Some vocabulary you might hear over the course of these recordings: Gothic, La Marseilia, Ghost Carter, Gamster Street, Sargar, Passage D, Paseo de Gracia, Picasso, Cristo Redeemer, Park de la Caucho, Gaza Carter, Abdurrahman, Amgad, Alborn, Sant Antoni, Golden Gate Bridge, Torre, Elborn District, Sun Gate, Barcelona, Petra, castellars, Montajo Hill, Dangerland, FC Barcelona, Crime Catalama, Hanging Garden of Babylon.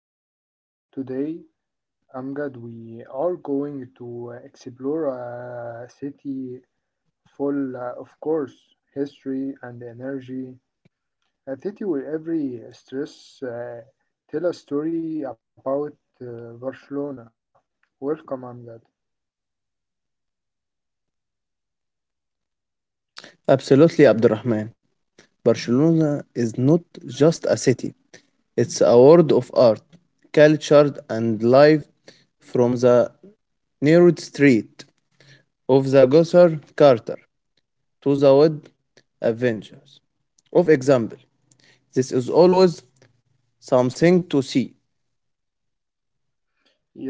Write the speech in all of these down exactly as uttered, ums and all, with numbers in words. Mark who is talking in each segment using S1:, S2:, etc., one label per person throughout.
S1: today. Today, Amgad, we are going to uh, explore a city full, uh, of course, history and energy. A city where every stress uh, tell a story about uh, Barcelona. Welcome, Amgad.
S2: Absolutely, Abdurrahman. Barcelona is not just a city, it's a world of art, culture, and life from the narrowed street of the Gosser Carter to the Wood Avengers. Of example, this is always something to see.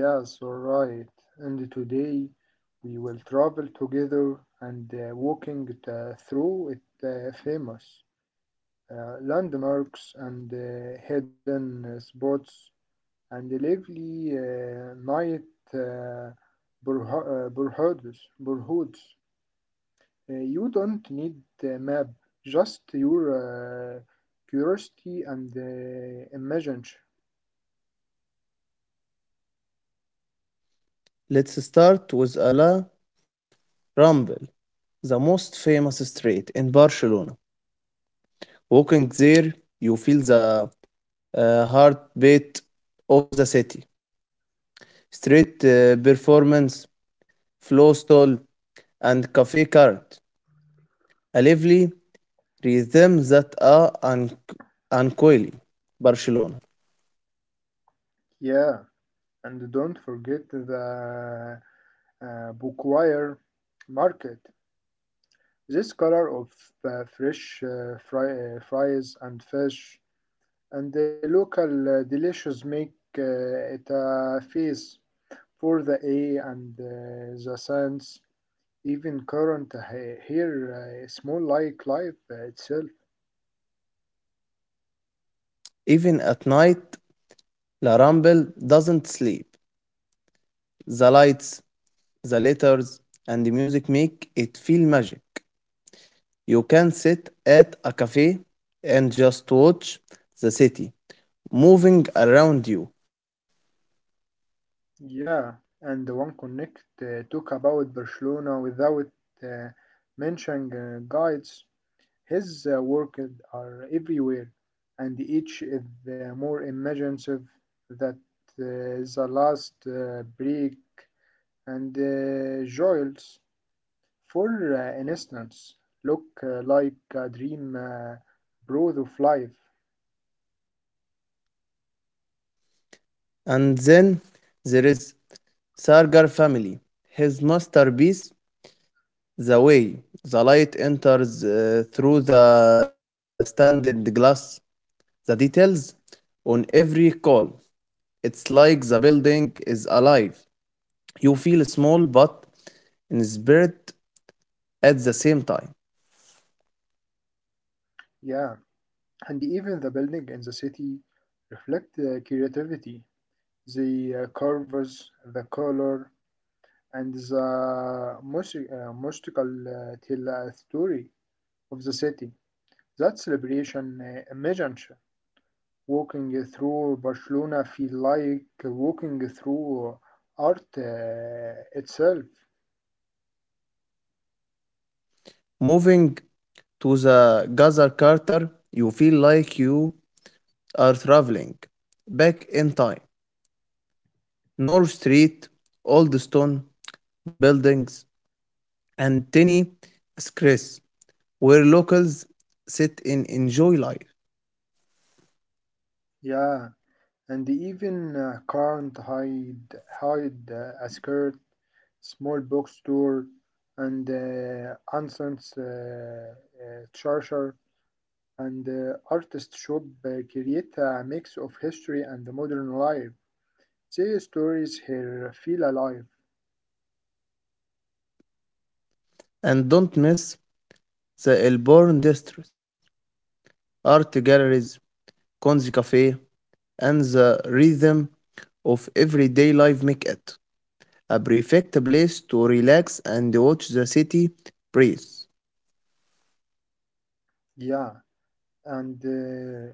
S1: Yes, all right. And today we will travel together and uh, walking t- through it uh, famous uh, landmarks and uh, hidden uh, spots and lively uh, night uh, burho- uh, burhoods. Uh, you don't need a map, just your uh, curiosity and uh, imagination.
S2: Let's start with La Rambla, the most famous street in Barcelona. Walking there, you feel the uh, heartbeat of the city. Street uh, performance, flow stall, and cafe cart. A lively rhythm that are un- uncoily Barcelona.
S1: Yeah, and don't forget the uh, bookwire market. This color of uh, fresh uh, fry, uh, fries and fish and the local uh, delicious make uh, it a feast for the eye and uh, the sense. Even current uh, he- here uh, is like life uh, itself.
S2: Even at night, La Ramble doesn't sleep. The lights, the letters, and the music make it feel magic. You can sit at a cafe and just watch the city moving around you.
S1: Yeah, and one connect uh, talk about Barcelona without uh, mentioning uh, guides. His uh, work are everywhere, and each is uh, more imaginative that uh, the last uh, break and uh, joyous. For uh, instance, look uh, like a dream uh, broth of life.
S2: And then there is Sargar family. His masterpiece. The way the light enters uh, through the standard glass, the details on every call. It's like the building is alive. You feel small but in spirit at the same time.
S1: Yeah, and even the building in the city reflect uh, creativity. The uh, curves, the color, and the music, uh, musical uh, tell a story of the city. That celebration uh, imagine walking through Barcelona feel like walking through art uh, itself.
S2: Moving to the Gaza Carter, you feel like you are traveling back in time. North Street, old stone buildings, and tiny squares where locals sit and enjoy life.
S1: Yeah, and even uh, can't hide hide uh, a skirt, small bookstore, and uh, Anson's uh, uh, charger and uh, artist shop uh, create a mix of history and modern life. Say stories here feel alive.
S2: And don't miss the Elborn District, art galleries, Konzi Cafe, and the rhythm of everyday life make it a perfect place to relax and watch the city breathe.
S1: Yeah, and uh,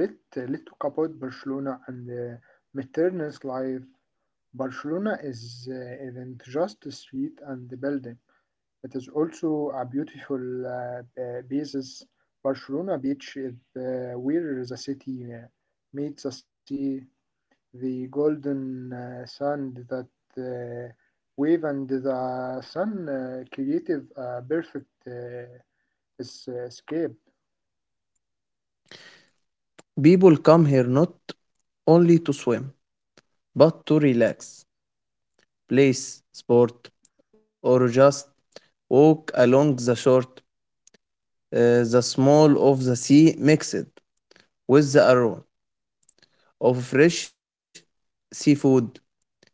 S1: let uh, let talk about Barcelona and uh, Materna's life. Barcelona is uh, isn't just a street and the building. It is also a beautiful uh, uh, basis. Barcelona beach is uh, where the city uh, meets the sea, the golden uh, sand that uh, wave and the sun uh, creative a perfect uh, es- escape.
S2: People come here not only to swim, but to relax, play sport, or just walk along the shore. Uh, the smell of the sea mixed with the aroma of fresh seafood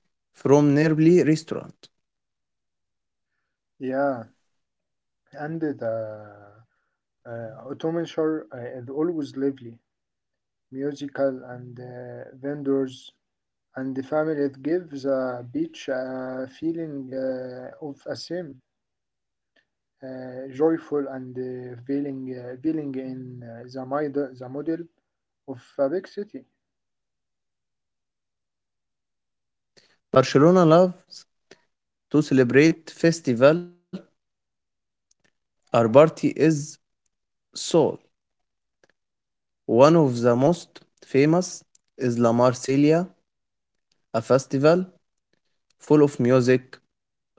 S2: from nearby restaurant.
S1: Yeah, and the uh, Ottoman shore uh, is always lively, musical and uh, vendors and the family it gives a beach a feeling uh, of a same uh, joyful and uh, feeling uh, feeling in uh, the model the model of a big city.
S2: Barcelona loves to celebrate festival. Our party is soul. One of the most famous is La Marseilia, a festival full of music,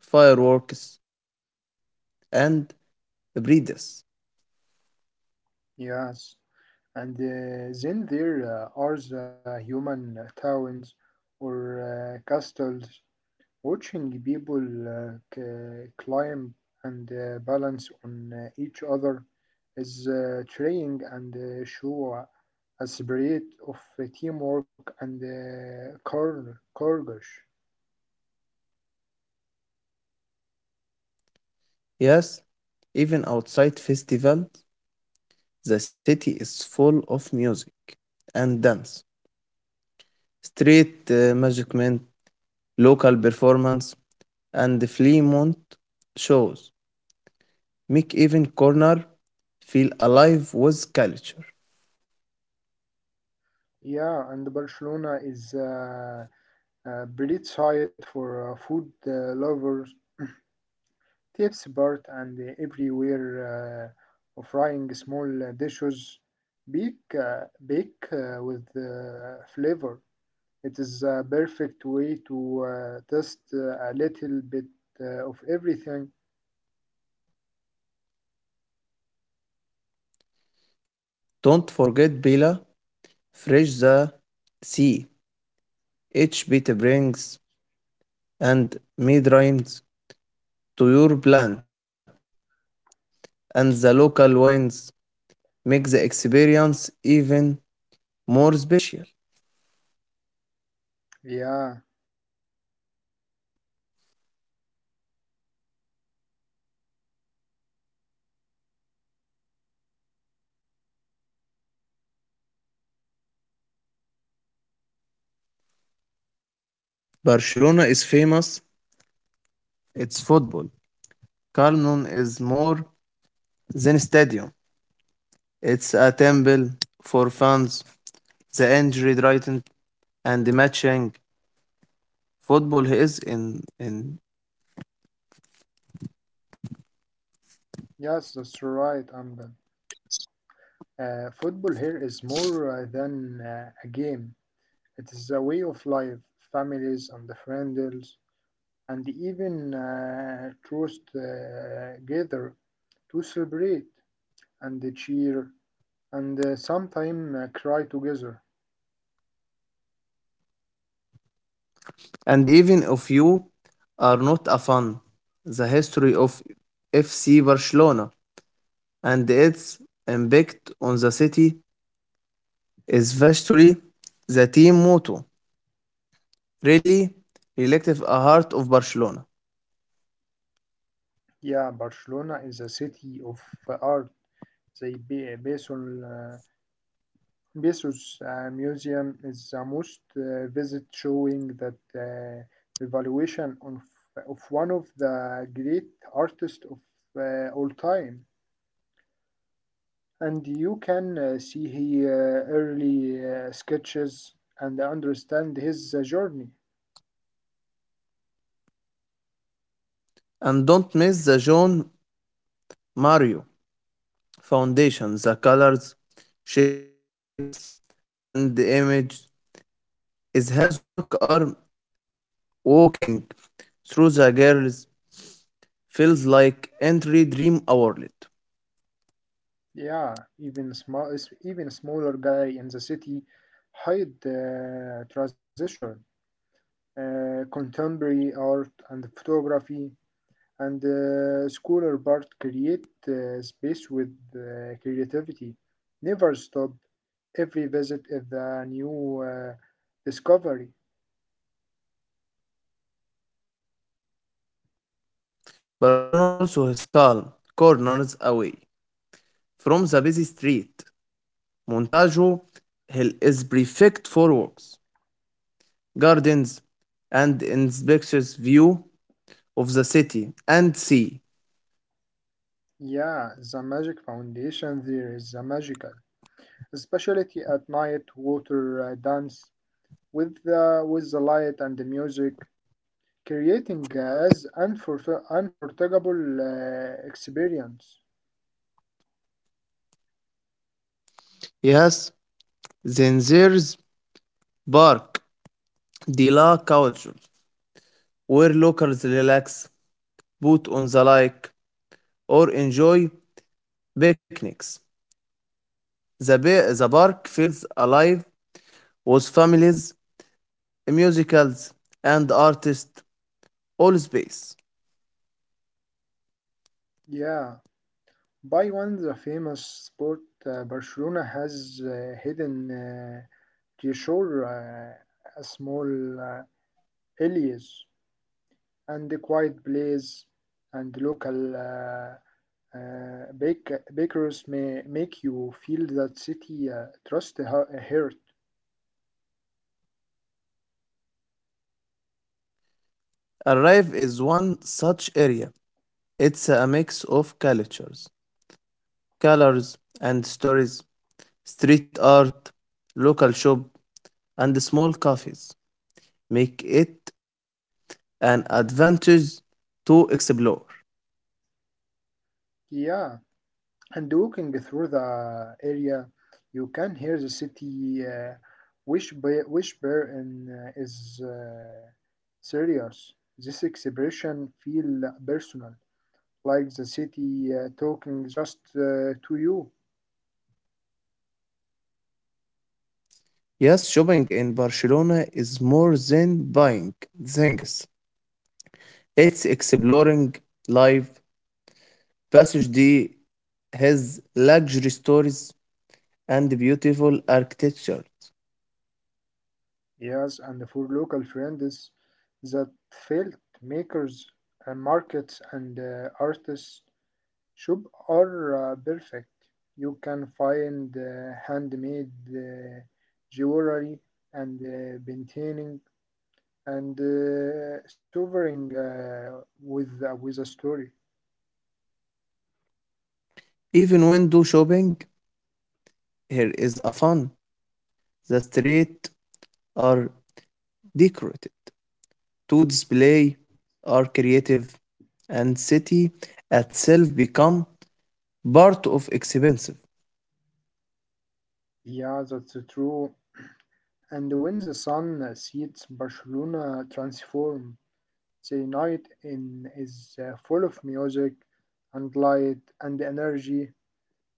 S2: fireworks, and breeders.
S1: Yes, and uh, then there uh, are the human towns or uh, castles watching people uh, c- climb and uh, balance on uh, each other is uh, trying and uh, show a spirit of uh, teamwork and uh, cour- courage.
S2: Yes, even outside festival, the city is full of music and dance, street uh, management, local performance, and flea month shows, make even corner feel alive with culture.
S1: Yeah, and Barcelona is uh, a great site for uh, food uh, lovers, tips part and uh, everywhere uh, frying small uh, dishes, bake, uh, bake uh, with uh, flavor. It is a perfect way to uh, test uh, a little bit uh, of everything.
S2: Don't forget Bela, Fresh the Sea, Each bit Brings, and Mead Rhymes to your plant, and the local wines make the experience even more special.
S1: Yeah, market are also great of uh, explore. You can uh, test us. Uh,
S2: Barcelona is famous, it's football. Carnon is more than a stadium, it's a temple for fans, the injury, Brighton, and the matching. Football is in in
S1: yes, that's right, Amgan. Uh, football here is more uh, than uh, a game. It is a way of life, families and the friends, and even uh, trust uh, together to celebrate and cheer and uh, sometimes uh, cry together.
S2: and even if you are not a fan, the history of F C Barcelona and its impact on the city is vastly the team motto. Really, reflective a heart of Barcelona.
S1: Yeah, Barcelona is a city of uh, art. They be based on uh, Bezos uh, Museum is the most uh, visit showing that uh, evaluation of, of one of the great artists of uh, all time. And you can uh, see his uh, early uh, sketches and understand his uh, journey.
S2: And don't miss the John Mario Foundation. The colors, shapes, and the image is his work are walking through the girls feels like entry dream outlet.
S1: Yeah, even small, even smaller guy in the city hide uh, transition, uh, contemporary art and photography and uh, scholar part create uh, space with uh, creativity. Never stop. Every visit is a new uh, discovery.
S2: Barcelona also has calm corners away from the busy street. Montajo Hill is perfect for walks, gardens, and inspections view of the city and sea.
S1: Yeah, the magic foundation there is the magical, especially at night, water uh, dance with the with the light and the music, creating uh, as unforget- unforgettable uh, experience.
S2: Yes, then there's Park de la Caucho, where locals relax, put on the lake, or enjoy picnics. The, ba- the park feels alive with families musicals, and artists all space.
S1: Yeah. By one, the famous sport uh, Barcelona has uh, hidden uh, treasure, uh, a small uh, areas and a quiet place, and local uh, uh, bake- bakers may make you feel that city uh, trust her heart.
S2: Arrive is one such area. It's a mix of cultures, colors, and stories. Street art, local shop, and small cafes make it an advantage to explore.
S1: Yeah. And walking through the area, you can hear the city uh, whisper, whisper and uh, is uh, serious. This expression feel personal, like the city uh, talking just uh, to you.
S2: Yes, shopping in Barcelona is more than buying things. It's exploring life. Passage D has luxury stores, and beautiful architecture.
S1: Yes, and for local friends that felt makers and markets and uh, artists shop are uh, perfect. You can find uh, handmade uh, jewelry and uh, painting and uh, sovereign uh, with uh, with a story.
S2: Even window shopping here is a fun. The streets are decorated to display are creative and city itself become part of expensive.
S1: Yeah, that's true. And when the sun sets, Barcelona transform. The night in is uh, full of music and light and energy,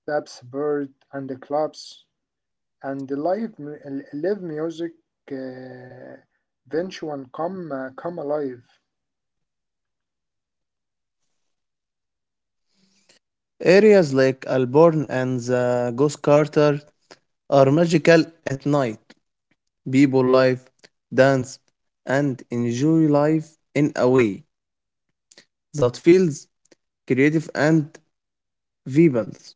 S1: taps, bird and the clubs. And the live mu- live music uh, venture come uh, come alive.
S2: Areas like Alborn and the Ghost Carter are magical at night. People live, dance, and enjoy life in a way that feels creative and vibrant.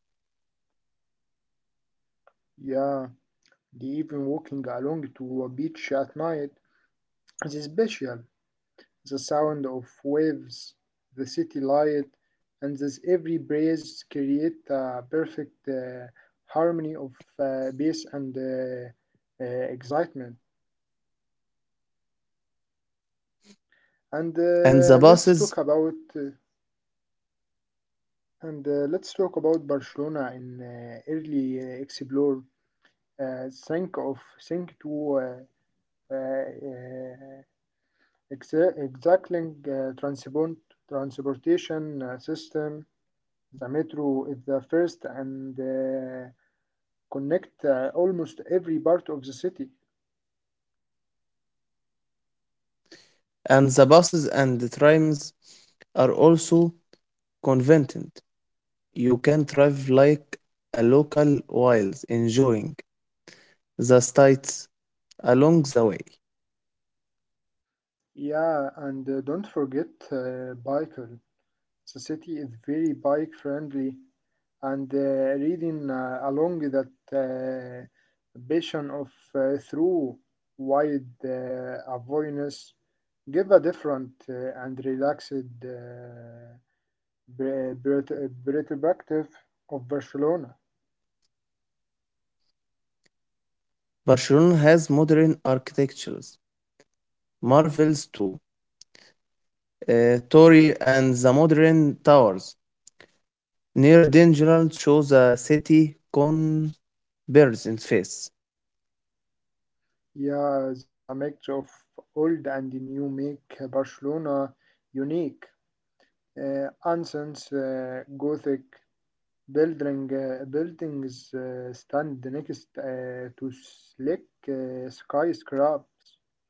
S1: Yeah, the even walking along to a beach at night is special. The sound of waves, the city light, and this every breeze create a perfect uh, harmony of uh, bass and uh, uh, excitement. And
S2: And the
S1: uh, let's
S2: buses
S1: talk about uh, and uh, let's talk about Barcelona in uh, early uh, explore uh, think of think to uh, uh, uh, exa- exacting uh, transport transportation uh, system. The metro is the first and uh, connect uh, almost every part of the city.
S2: and the buses and the trams are also convenient. You can drive like a local while enjoying the sights along the way.
S1: Yeah, and uh, don't forget uh, bicycle. The city is very bike friendly and uh, reading uh, along that uh, vision of uh, through wide uh, awareness give a different uh, and relaxed uh, per- per- perspective of Barcelona.
S2: Barcelona has modern architectures, marvels too. Uh, Torre and the modern towers near Dangerland show the city convergence face.
S1: Yeah, the mix of old and new make Barcelona unique. Uh, ancients, uh, Gothic, building uh, buildings uh, stand next uh, to slick uh, skyscrapers,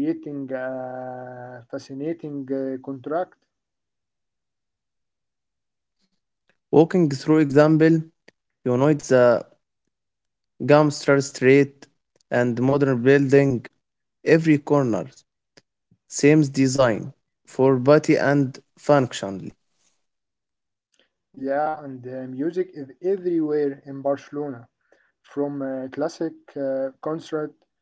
S1: creating a fascinating uh, contract.
S2: Walking through example unites the Gamster Street and modern building, every corner, same design for body and functionally.
S1: Yeah, and uh, music is everywhere in Barcelona, from uh, classic uh, concert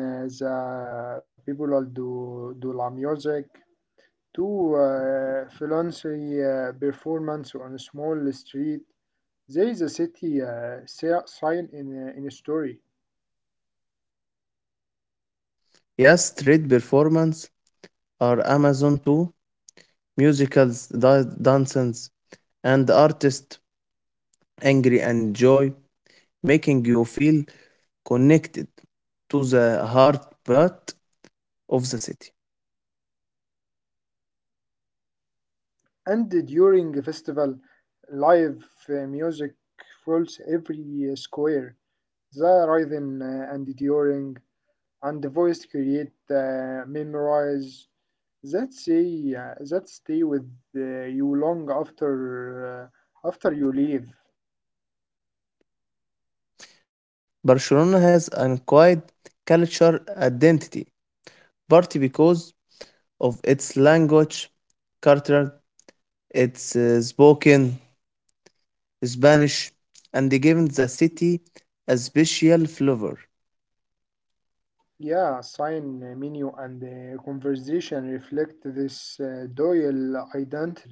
S1: in uh, the People do do la music to uh, fancy uh, performance on a small street. There is a city uh, si- sign in uh, in a story.
S2: Yes, street performance are Amazon too, musicals, da- dances, and artists, angry and joy, making you feel connected to the heartbeat of the city.
S1: And during a festival, live uh, music fills every uh, square. The rhythm uh, and during and the voice create uh, memorize that say uh, that stay with uh, you long after uh, after you leave.
S2: Barcelona has an acquired cultural identity, partly because of its language, culture. It's uh, spoken Spanish and given the city a special flavor.
S1: Yeah, sign uh, menu and uh, conversation reflect this uh, dual identity.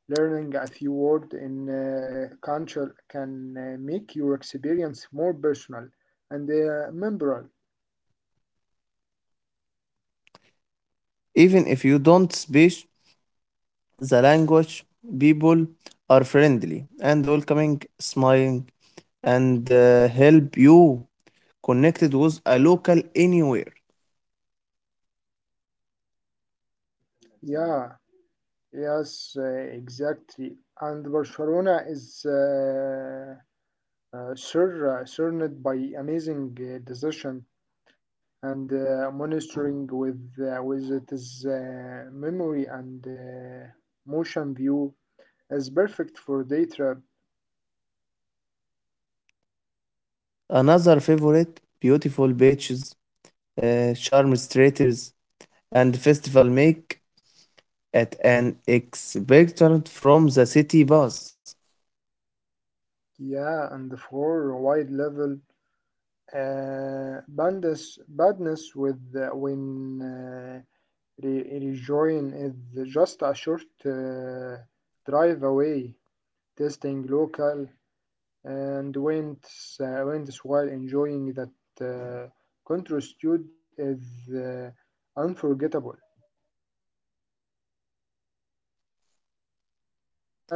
S1: Learning a few words in uh, culture can uh, make your experience more personal and uh, memorable.
S2: Even if you don't speak the language, people are friendly and welcoming, smiling, and uh, help you connected with a local anywhere.
S1: Yeah, yes, uh, exactly. And Barcelona is uh, uh, sur- uh, surrounded by amazing uh, decision and uh, monitoring with uh, with it is uh, memory and uh, motion view is perfect for day trip.
S2: Another favorite, beautiful beaches, uh, charm theaters, and festival make at an expectant from the city bus.
S1: Yeah, and for wide level. Uh, badness, badness with uh, when uh, re- rejoin is just a short uh, drive away, testing local and winds, uh, winds while enjoying that uh, contrasted is uh, unforgettable.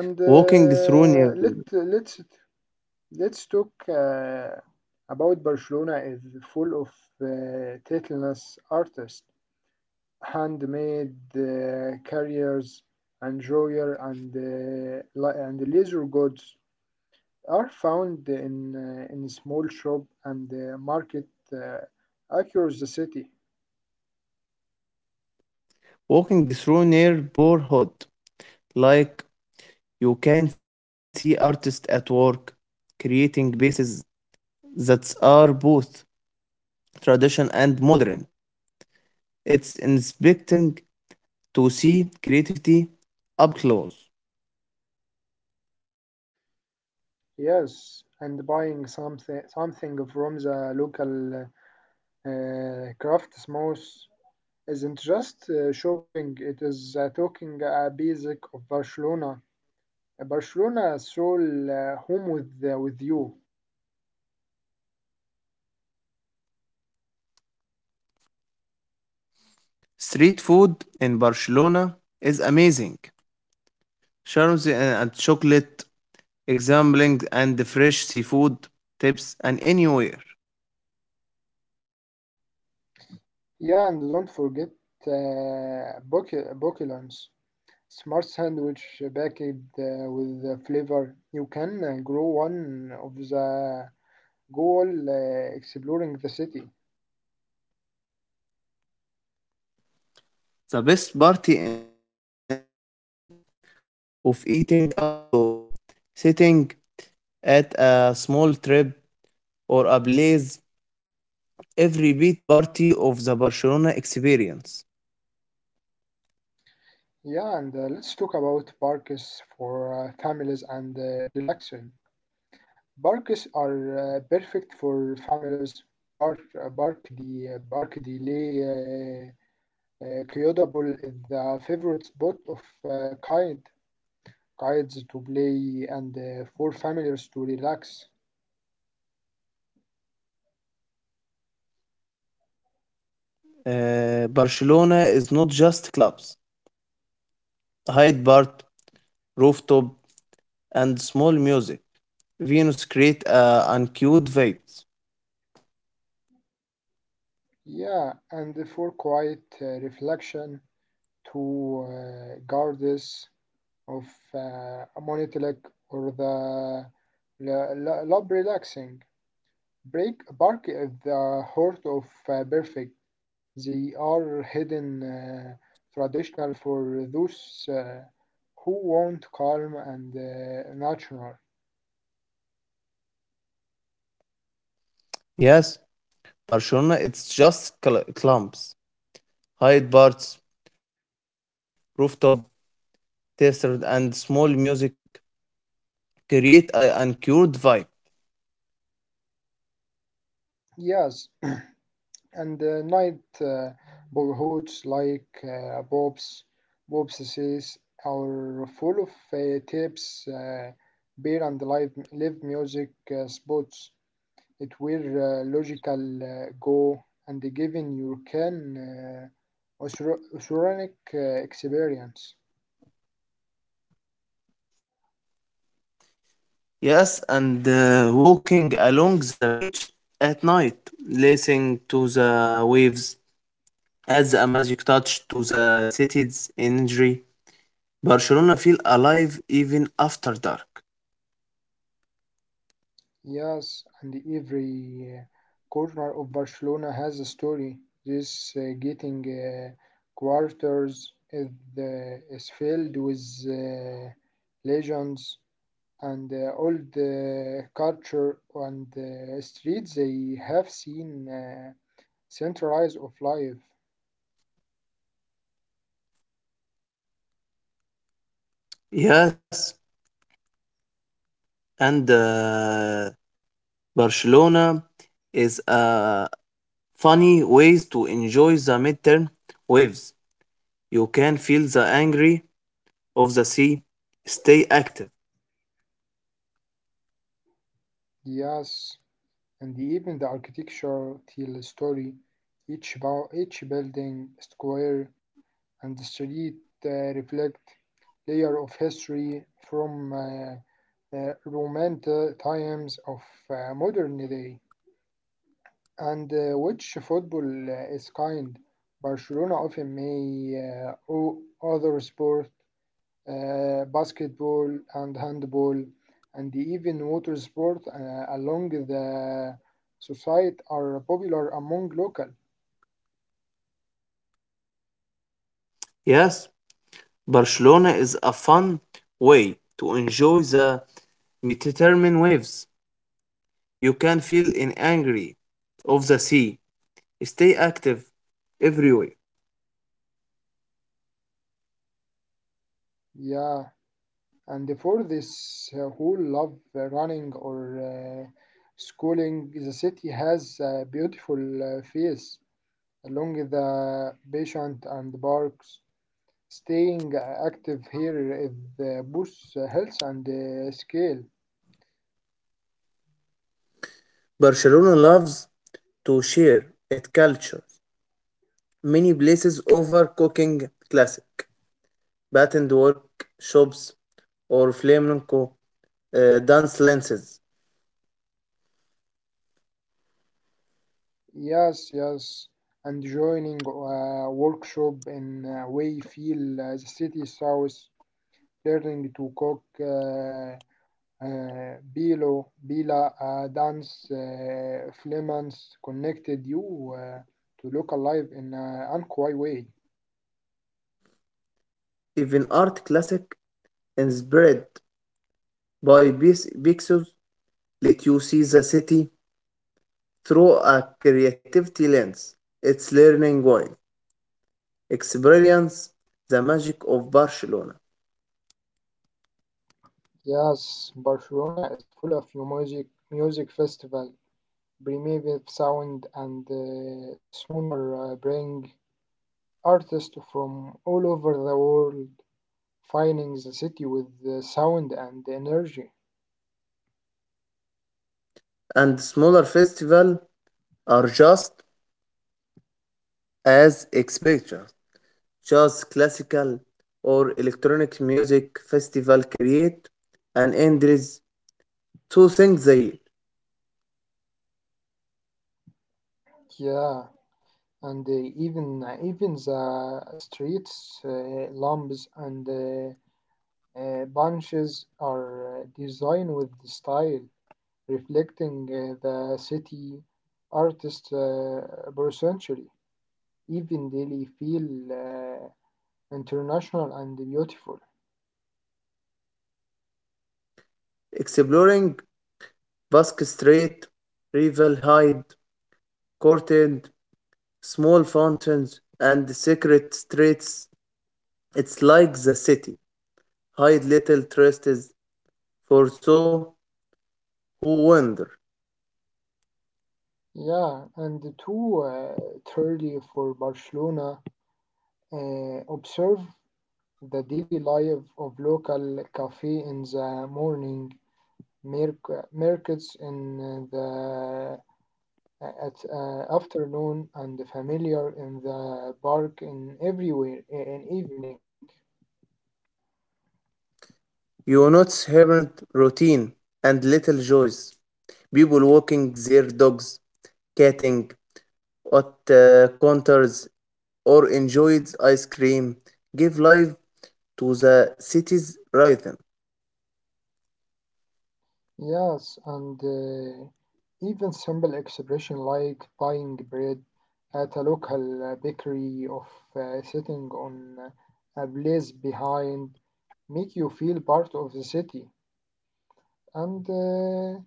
S1: And
S2: Walking through
S1: uh,
S2: near
S1: let let's let's talk uh, about Barcelona is full of uh, title artists. Handmade uh, carriers and drawer and uh, li- and leather goods are found in uh, in small shop and uh, market uh, across the city.
S2: walking through neighborhood like you can see artists at work creating pieces that are both tradition and modern. It's inspiring to see creativity up close.
S1: Yes, and buying something something from the local uh, craftsmith isn't just uh, shopping. It is uh, talking a basic of Barcelona. Barcelona soul uh, home with uh, with you.
S2: Street food in Barcelona is amazing. Charms and chocolate, examining and fresh seafood tips and anywhere.
S1: Yeah, and don't forget uh, bocu- Boculans, smart sandwich packaged uh, with uh, flavor. You can uh, grow one of the goal uh, exploring the city.
S2: The best party in the angry of eating outdoor, sitting at a small trip or a place every beat party of the Barcelona experience.
S1: Yeah, and uh, let's talk about parks for uh, families and uh, relaxing. Parks are uh, perfect for families. Park, park The park delay. Uh, uh, Kyoto Bowl is the favorite spot of uh, kind kids to play, and uh, for families to relax.
S2: Uh, Barcelona is not just clubs. Hyde Park, rooftop, and small music. Venus create a uncute vibes.
S1: Yeah, and for quiet uh, reflection to uh, goddess of uh, Monitelic or the la- la- Lab Relaxing. Break bark is the heart of uh, perfect. They are hidden uh, traditional for those uh, who want calm and uh, natural.
S2: Yes, Barcelona it's just cl- clumps. Hyde Park, rooftop, desert, and small music create uh, an uncured vibe.
S1: Yes, and uh, night uh, borehoods like uh, Bob's, Bob's says are full of uh, tips, uh, beer and live, live music uh, spots. It will uh, logical uh, go and giving you can uh, oceanic uh, experience.
S2: Yes, and uh, walking along the beach at night, listening to the waves adds a magic touch to the city's energy. Barcelona feel alive even after dark.
S1: Yes, and every uh, corner of Barcelona has a story. This uh, getting uh, quarters is, uh, is filled with uh, legends and uh, all the culture and uh, streets they have seen uh, centralized of life.
S2: Yes, and uh, Barcelona is a funny ways to enjoy the midterm waves. You can feel the angry of the sea. Stay active.
S1: Yes, and even the architecture tell a story. Each, bu- each building, square, and street uh, reflect layer of history from uh, uh, romantic times of uh, modern day. And uh, which football uh, is kind? Barcelona often may uh, o- other sport uh, basketball and handball, and even water sport uh, along the society are popular among local.
S2: Yes. Barcelona is a fun way to enjoy the
S1: And
S2: Mediterranean waves.
S1: uh, let's talk
S2: You
S1: about
S2: can feel in
S1: uh,
S2: angry of the sea. Stay active everywhere.
S1: yeah. And for this uh, who love running or uh, schooling, the city has a beautiful uh, face along the patient and parks. Staying active here is uh, both health and uh, skill.
S2: Barcelona loves to share its culture. Many places offer cooking classic, patterned workshops, or flamenco uh, dance lenses.
S1: Yes, yes, and joining a workshop in uh, Wayfield, uh, the city south, learning to cook uh, uh, bilo, bila, uh, dance, uh, flamencs connected you uh, to local life in uh, Anquai way.
S2: Even art classic inspired by pieces let you see the city through a creativity lens. It's learning while experience the magic of Barcelona.
S1: Yes, Barcelona is full of your music, music festival, primitive sound, and uh, sooner uh, bring artists from all over the world. Filing the city with the sound and energy.
S2: And smaller festivals are just as expected. Just classical or electronic music festival create an endless two things a year.
S1: Yeah, and uh, even uh, even the streets, uh, lamps, and uh, uh, bunches are uh, designed with style, reflecting uh, the city artist uh, percentually. Even daily feel uh, international and beautiful.
S2: Exploring Basque Street, Rival Hyde, Courted, small fountains, and secret streets. It's like the city hide little trusts for so who wander.
S1: Yeah, and two uh, thirty for Barcelona. Uh, observe the daily life of local cafe in the morning, merc- markets in uh, the, uh, at uh, afternoon, and familiar in the park in everywhere in evening.
S2: You notice hermit routine and little joys. People walking their dogs, catting at uh, counters, or enjoyed ice cream give life to the city's rhythm.
S1: Yes, and uh, even simple expression like buying bread at a local uh, bakery of uh, sitting on a place behind make you feel part of the city. And uh,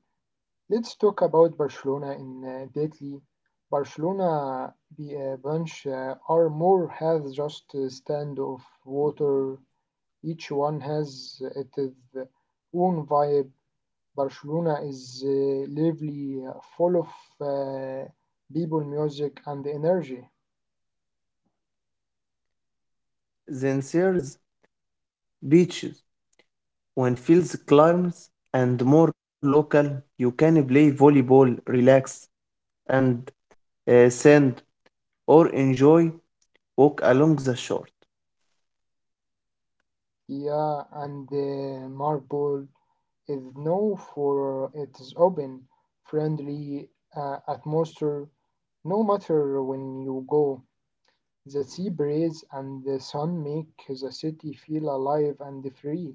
S1: let's talk about Barcelona in uh, deeply. Barcelona be a bunch uh, or more has just a stand of water. Each one has its own vibe. Barcelona is uh, lively, uh, full of uh, people, music, and energy.
S2: Then there's beaches. When fields climbs and more local, you can play volleyball, relax, and uh, sand or enjoy walk along the shore.
S1: Yeah, and uh, Marble is known for its open, friendly uh, atmosphere. No matter when you go, the sea breeze and the sun make the city feel alive and free.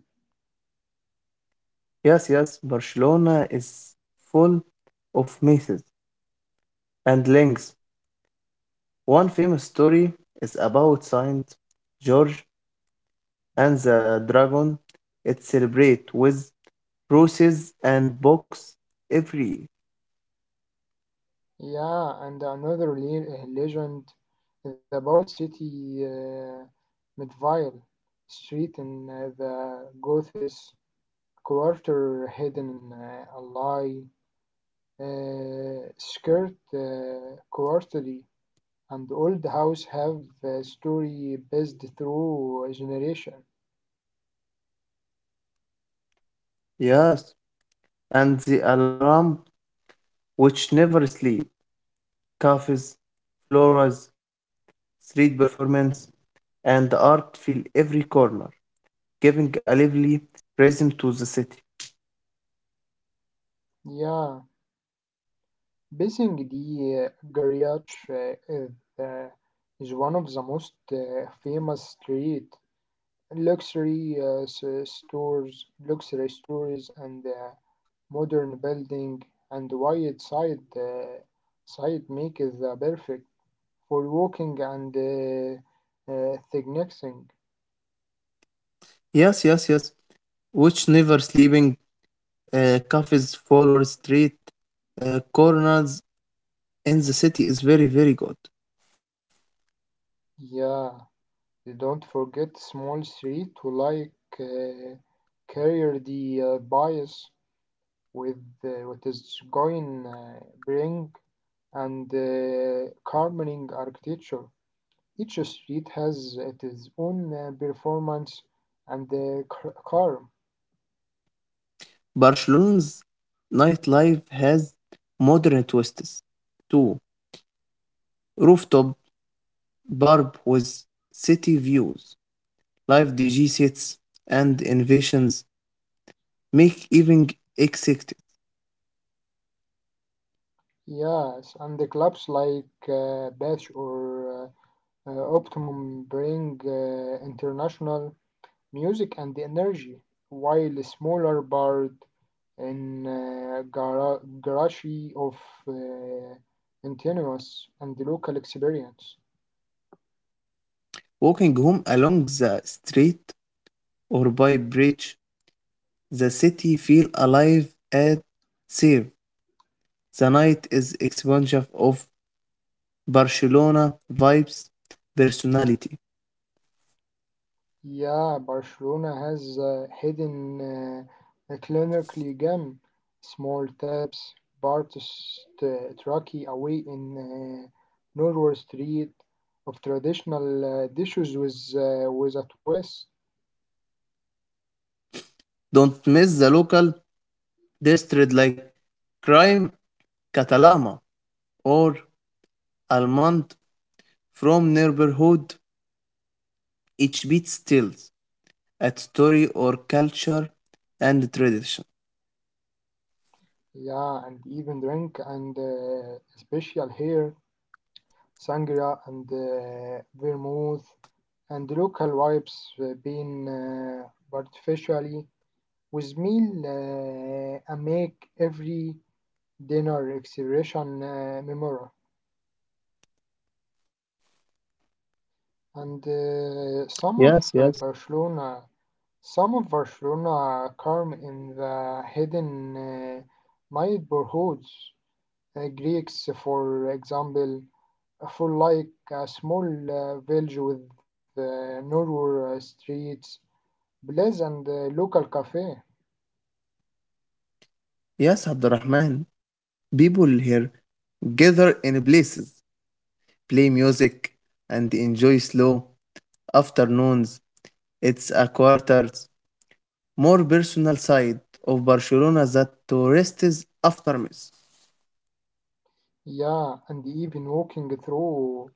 S2: Yes, yes, Barcelona is full of myths and links. One famous story is about Saint George and the dragon. It celebrates with roses and box every year.
S1: Yeah, and another le- uh, legend is about city uh, Midvale street in uh, the Gothis quarter hidden uh, a lie uh, skirt uh, quarterly, and old house have a story based through generation.
S2: Yes, and the alarm which never sleep. Cafes, floras, street performance, and art fill every corner, giving a lively rhythm to the city.
S1: Yeah, Basing the Garyash is, uh, is one of the most uh, famous street luxury uh, s- stores, luxury stores, and uh, modern building and wide side uh, side make is the perfect for walking and uh, uh, sightseeing.
S2: Yes, yes, yes. Which never sleeping uh, cafes forward Street uh, corners in the city is very very good.
S1: Yeah, you don't forget small street to like uh, carrier the uh, bias, with uh, what is going uh, bring and uh, carpeting architecture. Each street has it its own uh, performance and the car, charm.
S2: Barcelona's nightlife has modern twists too. Rooftop bar with city views, live D J sets, and innovations make evening exciting.
S1: Yes, and the clubs like uh, Bash or uh, uh, Optimum bring uh, international music and energy, while a smaller bird in uh, gar- garage of uh, continuous and the local experience.
S2: Walking home along the street or by bridge, the city feel alive and safe. The night is expansive of Barcelona vibes personality.
S1: Yeah, Barcelona has a hidden, uh, a clinically gem, small taps, Bartos, uh, Truckee away in uh, Norwood Street of traditional uh, dishes with, uh, with a twist.
S2: Don't miss the local district like Crime Catalama or Almond from neighborhood. Each beat tells a story or culture and tradition.
S1: Yeah, and even drink and uh, special here, sangria and uh, vermouth and local wipes uh, being uh, artificially with meal uh, and make every dinner celebration uh, memorable. And uh,
S2: Yes,
S1: some
S2: yes.
S1: of uh, Barcelona, some of Barcelona come in the hidden uh, neighborhoods. Uh, Greeks, for example, for like a small uh, village with uh, narrow uh, streets, plays and uh, local cafe.
S2: Yes, Abdurrahman. People here gather in places, play music, and enjoy slow afternoons. It's a quarters more personal side of Barcelona that tourists after miss.
S1: Yeah, and even walking through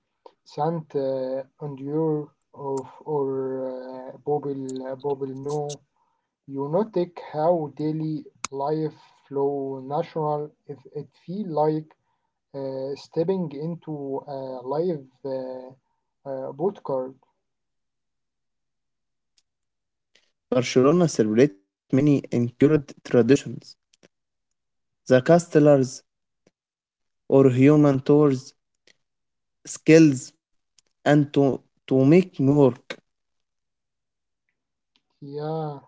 S1: Sant uh, Andur of or uh, Bobble Bobble No يونتك هاو daily life flow natural it, it feel like uh, stepping into a live uh, uh, boot card.
S2: Barcelona celebrate many incurred traditions, the castellars or human tours, skills, and to, to make work.
S1: Yeah,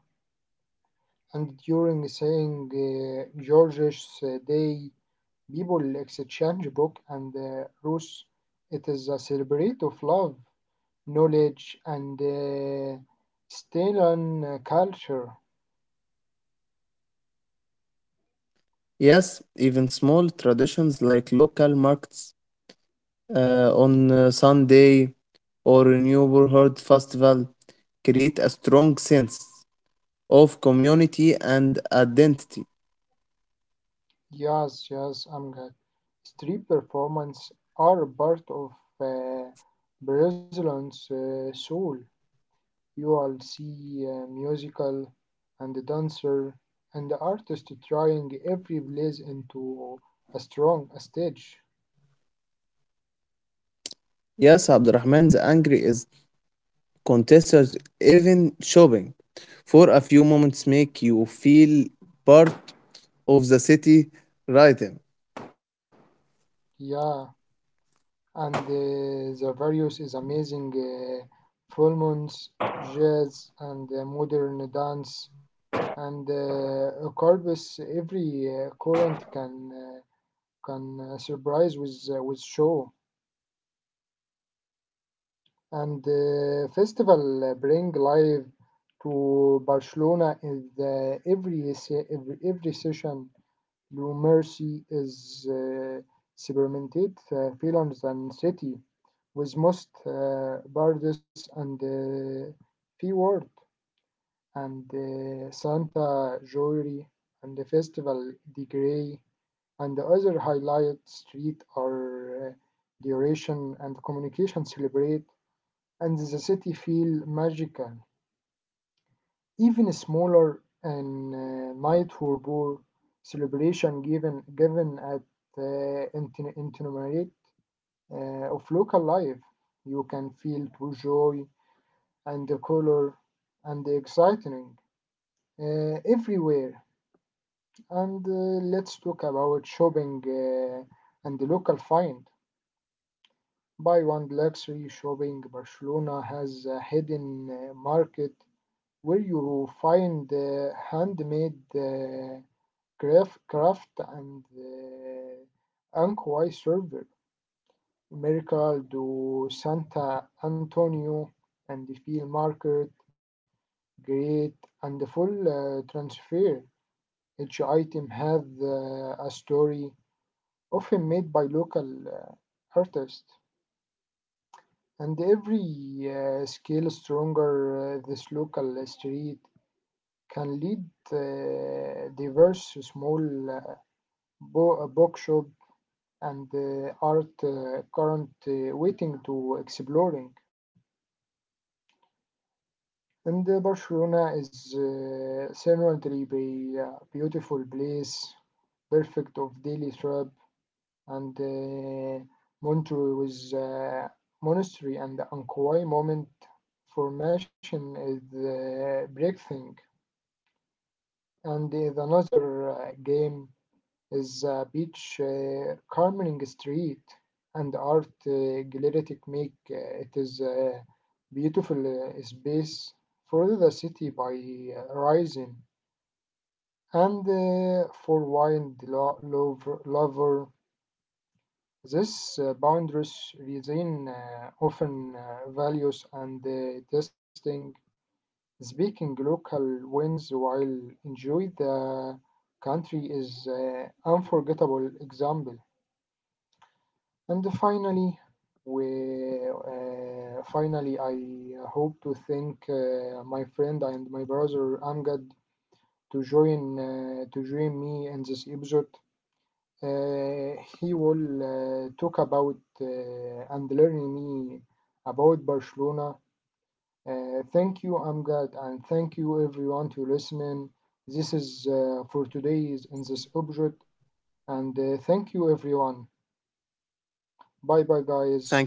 S1: and during saying uh, George's uh, day people exchange book and uh, Rus, it is a celebrate of love knowledge and uh, still on culture.
S2: Yes, even small traditions like local markets uh, on uh, Sunday or neighborhood festival create a strong sense of community and identity.
S1: Yes, yes, I'm glad. Street performance are a part of uh, Brazilian's uh, soul. You'll see uh, musical and dancer and the artist trying every place into a strong a stage.
S2: Yes, Abdurrahman, the angry is contestants, even shopping for a few moments make you feel part of the city rhythm.
S1: Yeah, and uh, the various is amazing. Uh, full moons, jazz, and uh, modern dance, and uh, a corpus every uh, current can, uh, can uh, surprise with, uh, with show. And the festival uh, bring life to Barcelona in the every se- every, every session. Blue Mercy is uh, experimented uh, feelings and city with most uh, birds and uh, P-word and uh, Santa Jewelry and the Festival de Grey and the other highlight street are uh, duration and communication celebrate and the city feel magical. Even smaller and uh, night harbor celebration given given at uh, inten itinerary uh, of local life, you can feel true joy and the color and the exciting uh, everywhere. And uh, let's talk about shopping uh, and the local find. Buy one luxury shopping. Barcelona has a hidden uh, market where you find uh, handmade uh, craft, craft and uh, Ankwai server, Mercado do Santa Antonio and the field market, great and full uh, transfer. Each item has uh, a story, often made by local uh, artists, and every uh, scale stronger uh, this local street can lead uh, diverse small bo- a bookshop and uh, art uh, current uh, waiting to exploring. And uh, Barcelona is uh, certainly be a beautiful place, perfect of daily trip, and uh, Montreux with uh, monastery and Ankoy moment formation is uh, breathing and is another uh, game is uh, beach uh, Carmering Street and art uh, gallery technique. Uh, it is a beautiful uh, space for the city by uh, rising. And uh, for wild lo- lover, lover, this uh, boundaries within uh, often uh, values and uh, testing speaking local wins while enjoy the country is uh, unforgettable example. And finally, we uh, finally I uh, hope to thank uh, my friend and my brother Amgad to join, uh, to join me in this episode. Uh, he will uh, talk about uh, and learn me about Barcelona. Uh, thank you, Amgad, and thank you everyone to listening. This is uh, for today's in this episode, and uh, thank you everyone.
S2: Thank you,
S1: Bye bye,
S2: Abdurrahman.
S1: guys.